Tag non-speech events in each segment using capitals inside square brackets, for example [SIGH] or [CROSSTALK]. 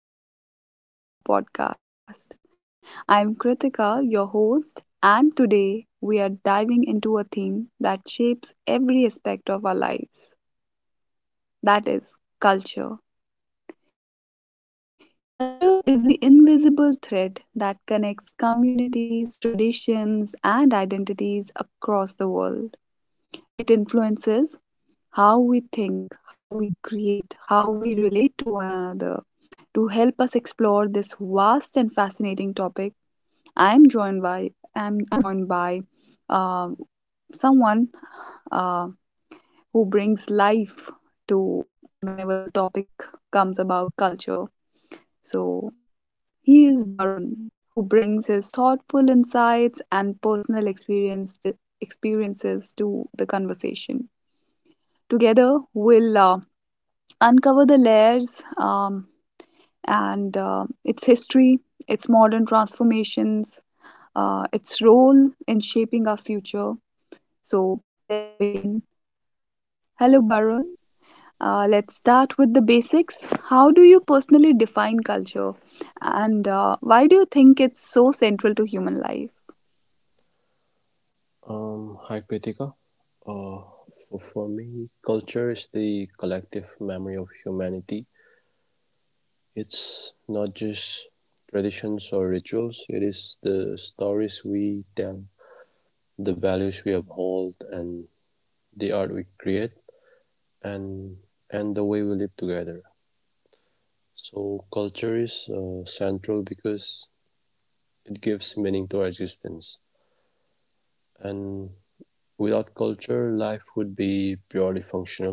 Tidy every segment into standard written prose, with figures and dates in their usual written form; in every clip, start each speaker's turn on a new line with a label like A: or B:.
A: welcome back to another episode of our podcast. I'm Kritika, your host, and today we are diving into a theme that shapes every aspect of our lives that is, culture. Culture is the invisible thread that connects communities, traditions, and identities across the world. It influences how we think, how we create, how we relate to one another. To help us explore this vast and fascinating topic, I am joined by I'm joined by uh, someone uh, who brings life to whenever the topic comes about culture. So he is Barun, who brings his thoughtful insights and experiences to the conversation. Together, we'll uncover the layers and its history, its modern transformations, its role in shaping our future. So let's begin. Hello, Barun. Let's start with the basics. How do you personally define culture, and why do you think it's so central to human life?
B: Hi Kritika. Uh, for me, culture is the collective memory of humanity. It's not just traditions or rituals, it is the stories we tell, the values we uphold, and the art we create, and, and the way we live together. So, culture is central because it gives meaning to our existence. And without culture, life would be purely functional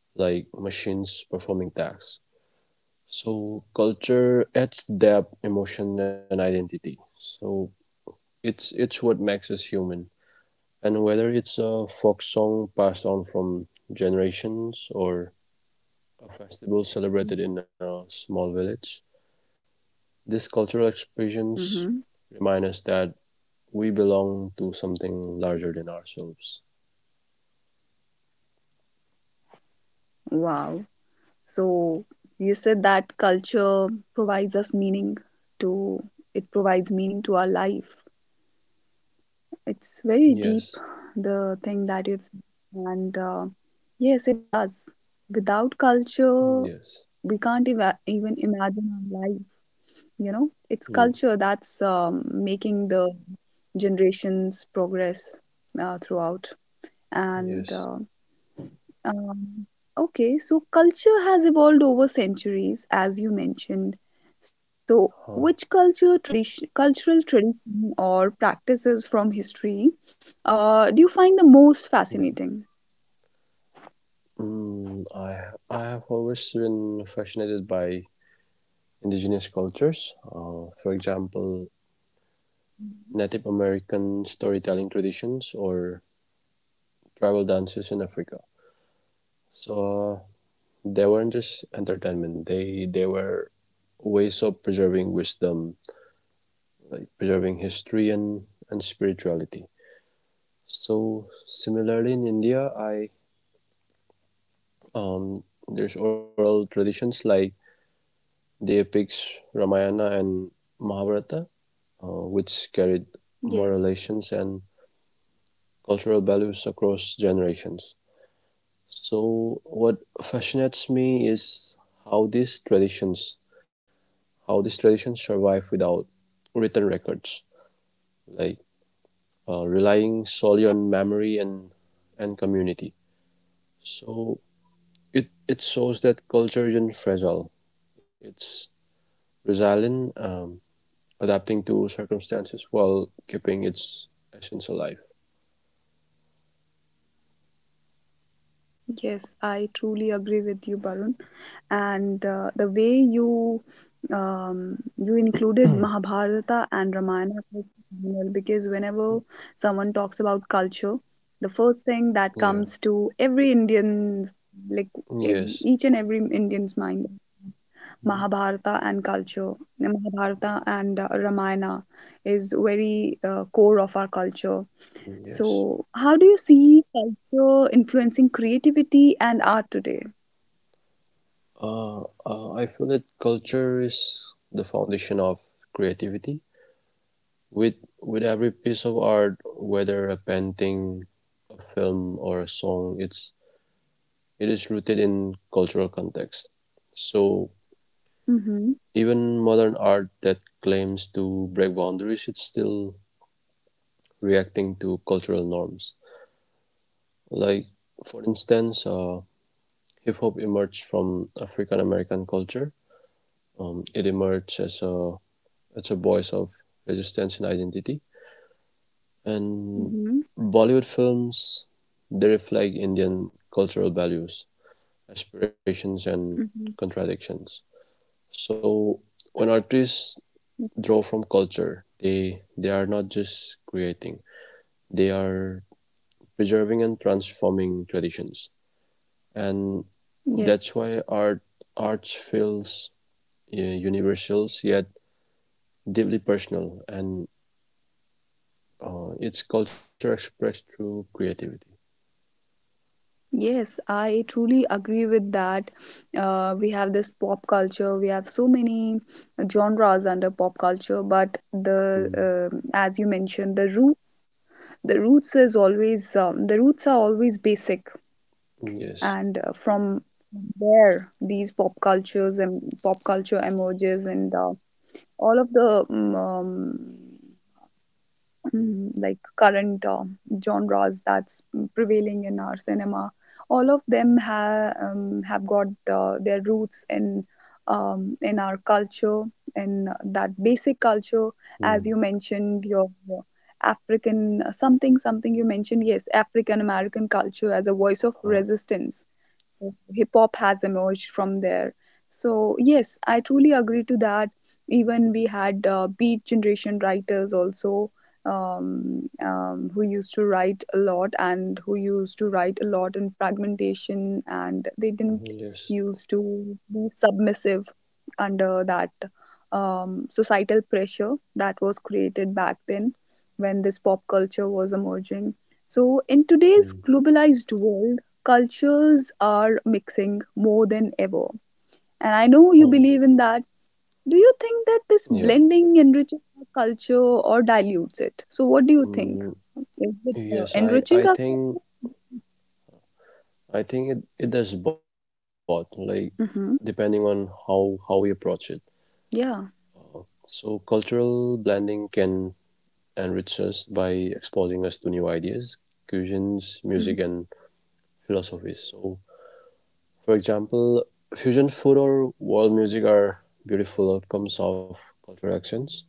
B: like machines performing tasks. So culture adds depth, emotion, and identity. So it's what makes us human. And whether it's a folk song passed on from generations or a festival celebrated in a small village, these cultural expressions
A: Mm-hmm.
B: remind us that we belong to something larger than ourselves.
A: Wow. So you said that culture provides us meaning to, it provides meaning to our life. It's very deep,
B: Yes,
A: the thing that you've said. And yes, it does. Without culture,
B: yes,
A: we can't eva even imagine our life, you know? It's
B: mm,
A: culture that's making the generations progress throughout. And
B: yes.
A: um, okay, so culture has evolved over centuries, as you mentioned. So,
B: Huh.
A: cultural tradition or practices from history do you find the most
B: Mm.
A: fascinating?
B: Mm, I I have always been fascinated by indigenous cultures, for example,
A: Mhm.
B: Native American storytelling traditions or tribal dances in Africa. So they weren't just entertainment; they were ways of preserving wisdom, like preserving history and spirituality. So similarly, in India, I um, there's oral traditions like the epics Ramayana and Mahabharata which carried moral
A: Yes.
B: relations and cultural values across generations. So what fascinates me is how these traditions, how these traditions survive without written records, like relying solely on memory and community. So it shows that culture isn't fragile; it's resilient, adapting to circumstances while keeping its essence alive.
A: Yes, I truly agree with you, Barun. And the way you you included Mahabharata and Ramayana is phenomenal because whenever someone talks about culture, the first thing that
B: Yeah.
A: comes to every Indian's like in
B: Yes.
A: each and every Indian's mind
B: Mm-hmm.
A: Mahabharata and culture. Mahabharata and Ramayana is very core of our culture.
B: Yes.
A: So, how do you see culture influencing creativity and art today?
B: I feel that culture is the foundation of creativity. With with every piece of art, whether a painting, a film, or a song, it is rooted in cultural context. So
A: Mm-hmm.
B: even modern art that claims to break boundaries, it's still reacting to cultural norms. Like for instance, hip hop emerged from African American culture. Um, it emerged as a it's a voice of resistance and identity. And
A: Mm-hmm.
B: Bollywood films, they reflect Indian cultural values, aspirations, and
A: Mm-hmm.
B: contradictions. So when artists draw from culture, they are not just creating; they are preserving and transforming traditions, and
A: Yes,
B: that's why art feels uh, universal yet deeply personal, and it's culture expressed through creativity.
A: yes, I truly agree with that. We have this pop culture, we have so many genres under pop culture, but the
B: Mm.
A: as you mentioned, the roots is always, the roots are always basic,
B: Yes.
A: and from there, these pop cultures and pop culture emerges and all of the mm, mm, like current genres that's prevailing in our cinema all of them have got their roots in our culture in that basic culture as
B: Mm.
A: you mentioned your african something something you mentioned, yes, african american culture as a voice of
B: Uh,
A: resistance so hip hop has emerged from there, so yes, I truly agree to that. Even we had beat generation writers also, who used to write a lot and who used to write a lot in fragmentation, and they didn't
B: yes.
A: used to be submissive under that societal pressure that was created back then when this pop culture was emerging. So, in
B: Mm.
A: today's globalized world, cultures are mixing more than ever. And I know you
B: Oh.
A: believe in that, do you think that this
B: Yeah.
A: blending enriches our culture or dilutes it? So, what do you think?
B: Mm.
A: Is it
B: Yes. I. I
A: enriching our
B: think.
A: culture?
B: I think it does both. Like depending on
A: Mm-hmm.
B: how we approach it.
A: Yeah.
B: So cultural blending can enrich us by exposing us to new ideas, cuisines, music,
A: Hmm.
B: and philosophies. So, for example, fusion food or world music are beautiful outcomes of cultural actions,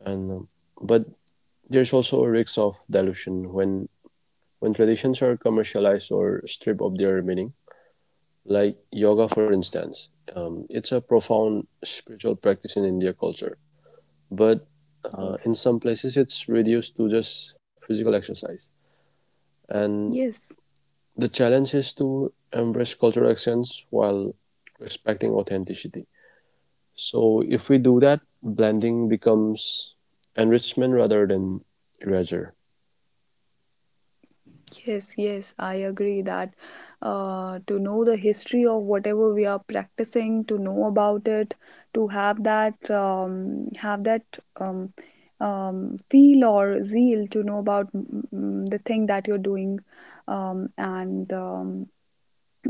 B: and but there is also a risk of dilution when traditions are commercialized or stripped of their meaning, like yoga, for instance. It's a profound spiritual practice in India culture, but
A: Yes.
B: in some places it's reduced to just physical exercise. And
A: Yes.
B: the challenge is to embrace cultural accents while respecting authenticity. So if we do that, blending becomes enrichment rather than erasure.
A: Yes. Yes. I agree that to know the history of whatever we are practicing, to know about it, to have that um, feel or zeal to know about the thing that you're doing, and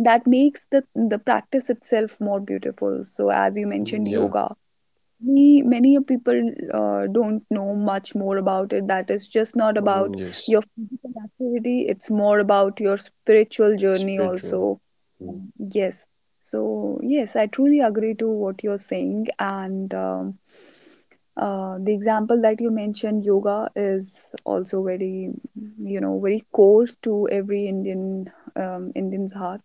A: that makes the practice itself more beautiful. So as you
B: Mm,
A: mentioned
B: yeah.
A: yoga, many a people don't know much more about it, that is just not about
B: Mm,
A: your
B: yes.
A: physical activity, it's more about your spiritual journey also.
B: Spiritual.
A: Um,
B: Mm,
A: yes, so yes, I truly agree to what you're saying and, the example that you mentioned, yoga, is also very, you know, very core to every indian, indian's heart.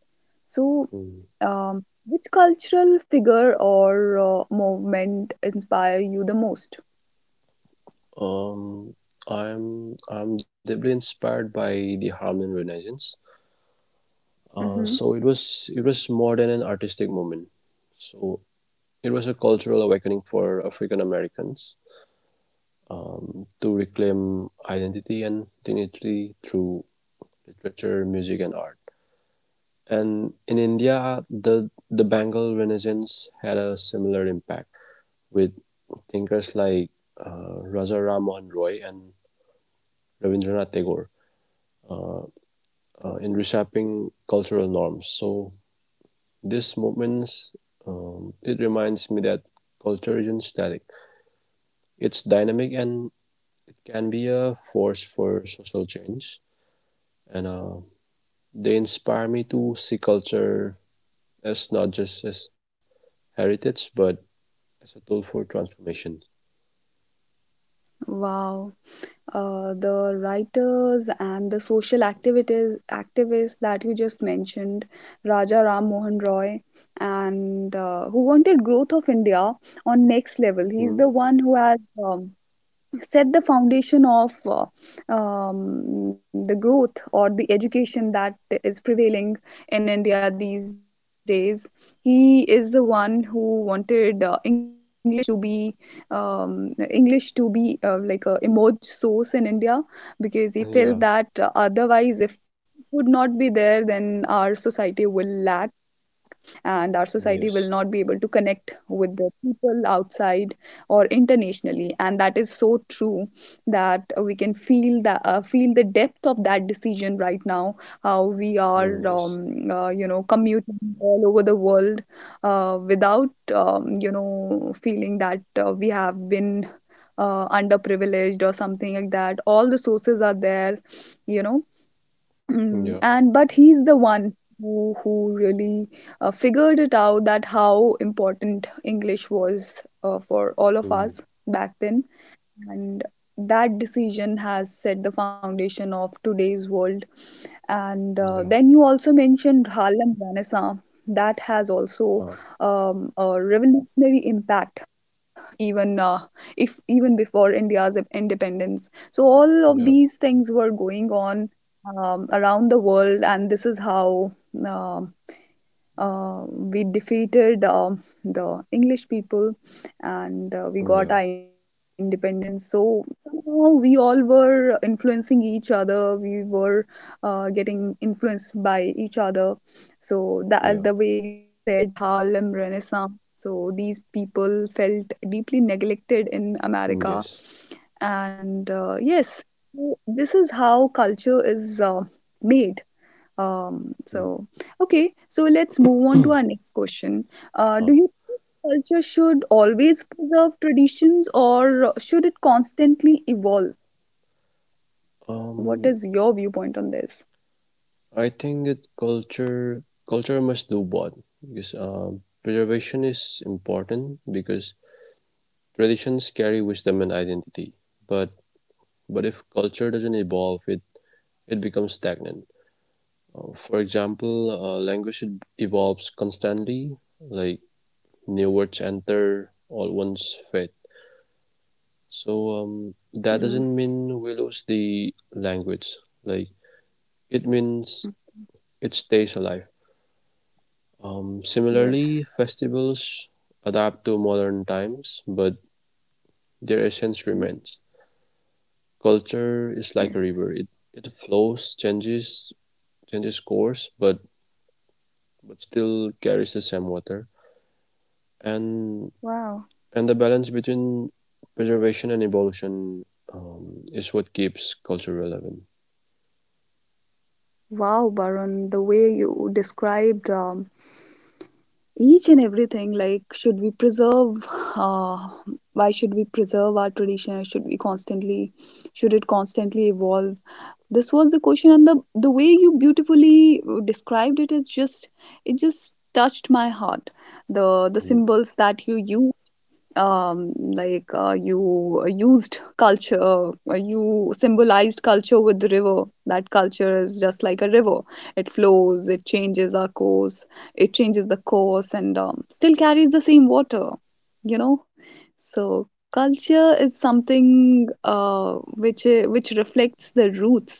A: So
B: mm.
A: um, which cultural figure or movement inspire you the most?
B: Um, I'm deeply inspired by the Harlem Renaissance. Uh,
A: Mm-hmm.
B: so it was it was more than an artistic moment. So it was a cultural awakening for African Americans to reclaim identity and dignity through literature, music, and art. And in India, the Bengal Renaissance had a similar impact with thinkers like Raja Ram Mohan Roy and Rabindranath Tagore uh, in reshaping cultural norms. So this movements it reminds me that culture isn't static; it's dynamic and can be a force for social change. And they inspire me to see culture as not just as heritage, but as a tool for transformation.
A: Wow. The writers and the social activities activists that you just mentioned, Raja Ram Mohan Roy, and who wanted growth of India on next level. He's the
B: Mm,
A: one who has um, set the foundation of the growth or the education that is prevailing in India these days. He is the one who wanted English to be, English to be like a emerge source in India, because he felt that
B: yeah.
A: otherwise if would not be there then our society will lack and our society will not be
B: Yes.
A: able to connect with the people outside or internationally, and that is so true that we can feel the depth of that decision right now, how we are
B: Mm, yes.
A: you know, commuting all over the world without, you know, feeling that we have been underprivileged or something like that, all the sources are there, you know. [CLEARS THROAT] Mm,
B: Yeah.
A: and but he's the one who really figured it out, that how important english was for all of us
B: Mm,
A: back then, and that decision has set the foundation of today's world. And then
B: yeah.
A: you also mentioned harlem renaissance, that has also
B: Huh.
A: a revolutionary impact, even if even before india's independence, so all of these
B: Yeah.
A: things were going on around the world, and this is how um we defeated the English people, and
B: Hmm,
A: we
B: yeah.
A: got our independence. So somehow we all were influencing each other. We were getting influenced by each other. So
B: Yeah.
A: that the way you said Harlem Renaissance. So these people felt deeply neglected in America,
B: Hmm, yes.
A: and yes, so this is how culture is made, so,
B: Mm,
A: okay, so let's move on to our next question. Do you
B: huh.
A: think culture should always preserve traditions or should it constantly evolve? What is
B: Um,
A: your viewpoint on this?
B: I think that culture must do both because preservation is important because traditions carry wisdom and identity. But but if culture doesn't evolve, it becomes stagnant. For example, language should- evolves constantly, like new words enter, old ones fade. So
A: Hmm.
B: that doesn't mean we lose the language. Like it means it stays alive.
A: Yes.
B: Similarly, festivals adapt to modern times, but their
A: Mhm.
B: essence remains. Culture
A: Yes.
B: is like a river; it flows, changes course, but still carries the same water. And
A: Wow.
B: and the balance between preservation and evolution is what keeps culture relevant.
A: Wow, Barun, the way you described, each and everything, like, should we preserve, uh, why should we preserve our tradition? Should we constantly, should it constantly evolve? This was the question, and the way you beautifully described it is just, it just touched my heart, the the symbols
B: Mm,
A: that you used, um you used culture, you symbolized culture with the river, that culture is just like a river, it flows, it changes our course, it changes the course and, still carries the same water, you know. So
B: yeah,
A: culture is something uh, which reflects the roots,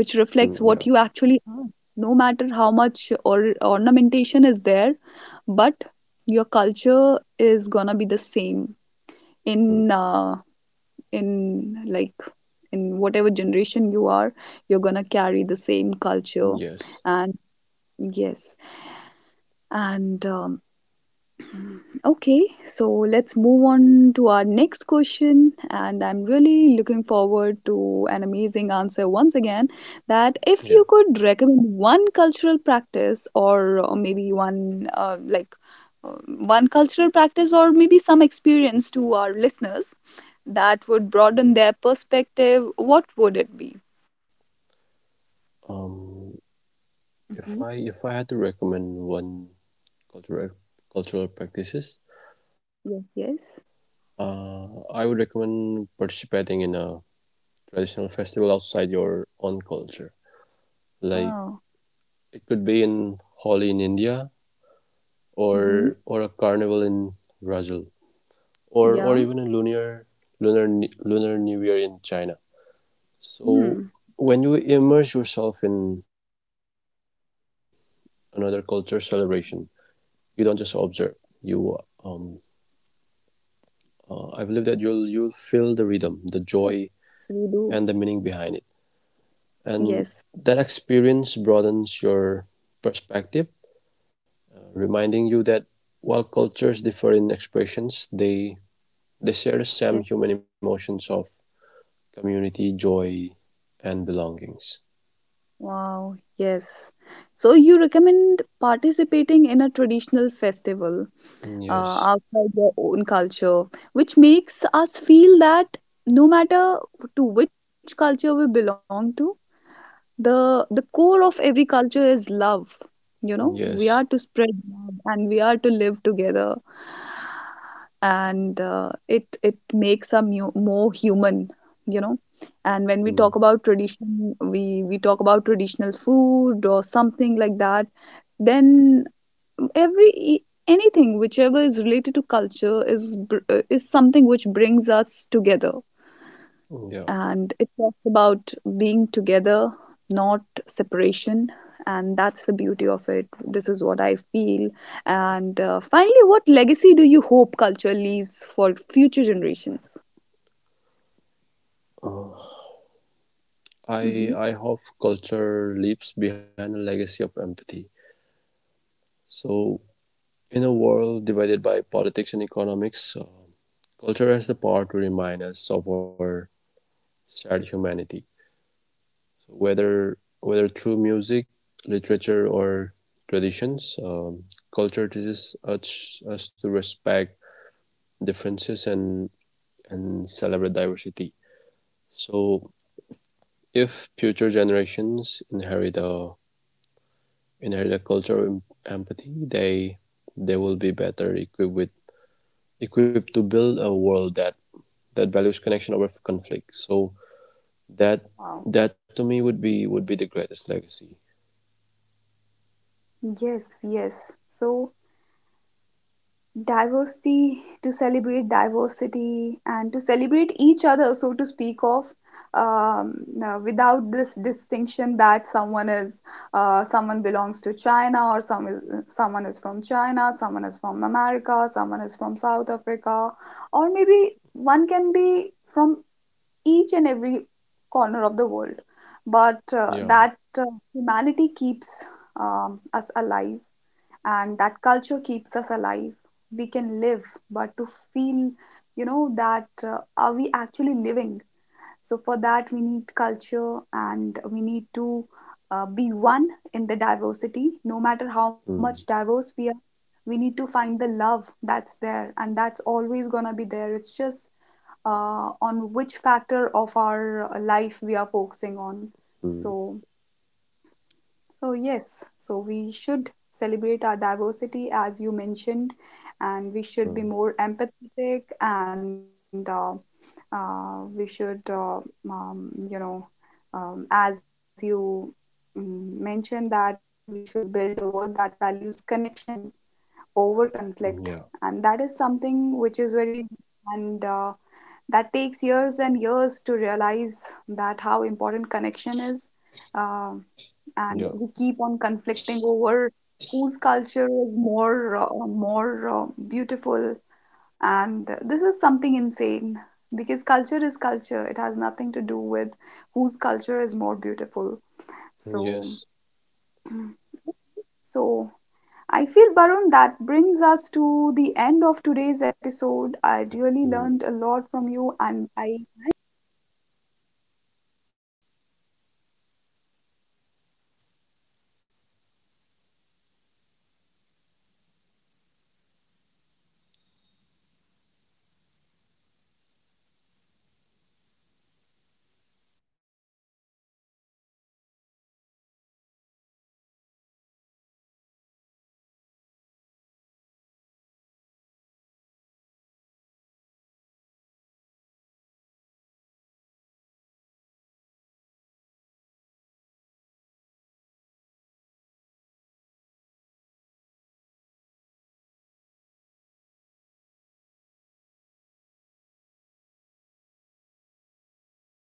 A: which reflects
B: mm,
A: what
B: yeah,
A: you actually are. No matter how much or ornamentation is there, but your culture is gonna be the same in
B: mm,
A: uh, in like in whatever generation you are. You're gonna carry the same culture, and
B: yes,
A: yes, and okay, so let's move on to our next question. And I'm really looking forward to an amazing answer once again. That if you
B: yeah.
A: could recommend one cultural practice, or maybe uh, one cultural practice, or maybe some experience to our listeners that would broaden their perspective, what would it be?
B: Um,
A: Hmm.
B: if I had to recommend one cultural cultural practices,
A: Yes, yes.
B: I would recommend participating in a traditional festival outside your own culture. Like
A: Wow.
B: it could be in Holi in India
A: Hmm.
B: or a carnival in Brazil or
A: Yeah.
B: even a lunar new year in China.
A: Hmm.
B: So when you immerse yourself in another culture celebration, you don't just observe. You um, I believe that you'll feel the rhythm, the joy,
A: Yes, we
B: and the
A: do.
B: meaning behind it. And
A: Yes.
B: that experience broadens your perspective, reminding you that while cultures differ in expressions, they share the same
A: Yes.
B: human emotions of community, joy, and belongings.
A: Wow, yes. So you recommend participating in a traditional festival
B: Yes,
A: outside your own culture, which makes us feel that no matter to which culture we belong to, the core of every culture is love, you know, we
B: yes,
A: are to spread love and we are to live together, and it it makes us mu- more human, you know. And when
B: hmm,
A: we talk about tradition, we talk about traditional food or something like that, then every e- anything whichever is related to culture is is something which brings us together,
B: yeah.
A: and it talks about being together, not separation. And that's the beauty of it. This is what I feel. And finally, what legacy do you hope culture leaves for future generations?
B: Uh, I
A: Hmm.
B: I hope culture leaves behind a legacy of empathy. So, in a world divided by politics and economics, culture has the power to remind us of our shared humanity. Whether through music, literature, or traditions, culture teaches us to respect differences and celebrate diversity. So, if future generations inherit a culture of empathy, they will be better equipped to build a world that values connection over conflict. So that
A: Wow.
B: that to me would be the greatest legacy.
A: Yes, yes. So diversity, to celebrate diversity and to celebrate each other, so to speak of, um, without this distinction that someone is, someone belongs to China, or some is, someone is from China, someone is from America, someone is from South Africa, or maybe one can be from each and every corner of the world, but
B: Yeah.
A: that humanity keeps, us alive, and that culture keeps us alive, we can live, but to feel, you know, that are we actually living? So for that we need culture, and we need to be one in the diversity, no matter how
B: Hmm.
A: much diverse we are, we need to find the love that's there, and that's always going to be there, it's just on which factor of our life we are focusing on.
B: Hmm.
A: So so, yes, so we should celebrate our diversity as you mentioned, and we should be
B: Hmm.
A: more empathetic, and we should, you know, as you mentioned, that we should build a world that values connection over conflict.
B: Yeah,
A: And that is something which is very deep, and that takes years and years to realize that how important connection is. Um and
B: yeah,
A: we keep on conflicting over whose culture is more beautiful, and this is something insane, because culture is culture, it has nothing to do with whose culture is more beautiful. So
B: yes.
A: [CLEARS THROAT] so I feel, Barun, that brings us to the end of today's episode. I really learned
B: Mm.
A: a lot from you, and I am sure that our listeners also enjoyed listening to you, listening to your viewpoints. So, thank you, Barun, for sharing your wisdom and reflections on culture. This conversation has shown us that culture is not just about traditions, it's about identity, it's about creativity and empathy. To our listeners, thank you for joining us on this journey. If you enjoyed this podcast, share it with others and continue exploring the richness of cultures around the world. Until next time, I am Kritika, and this has been our exploration of culture. Stay curious, stay open, and keep celebrating the diversity that makes us human.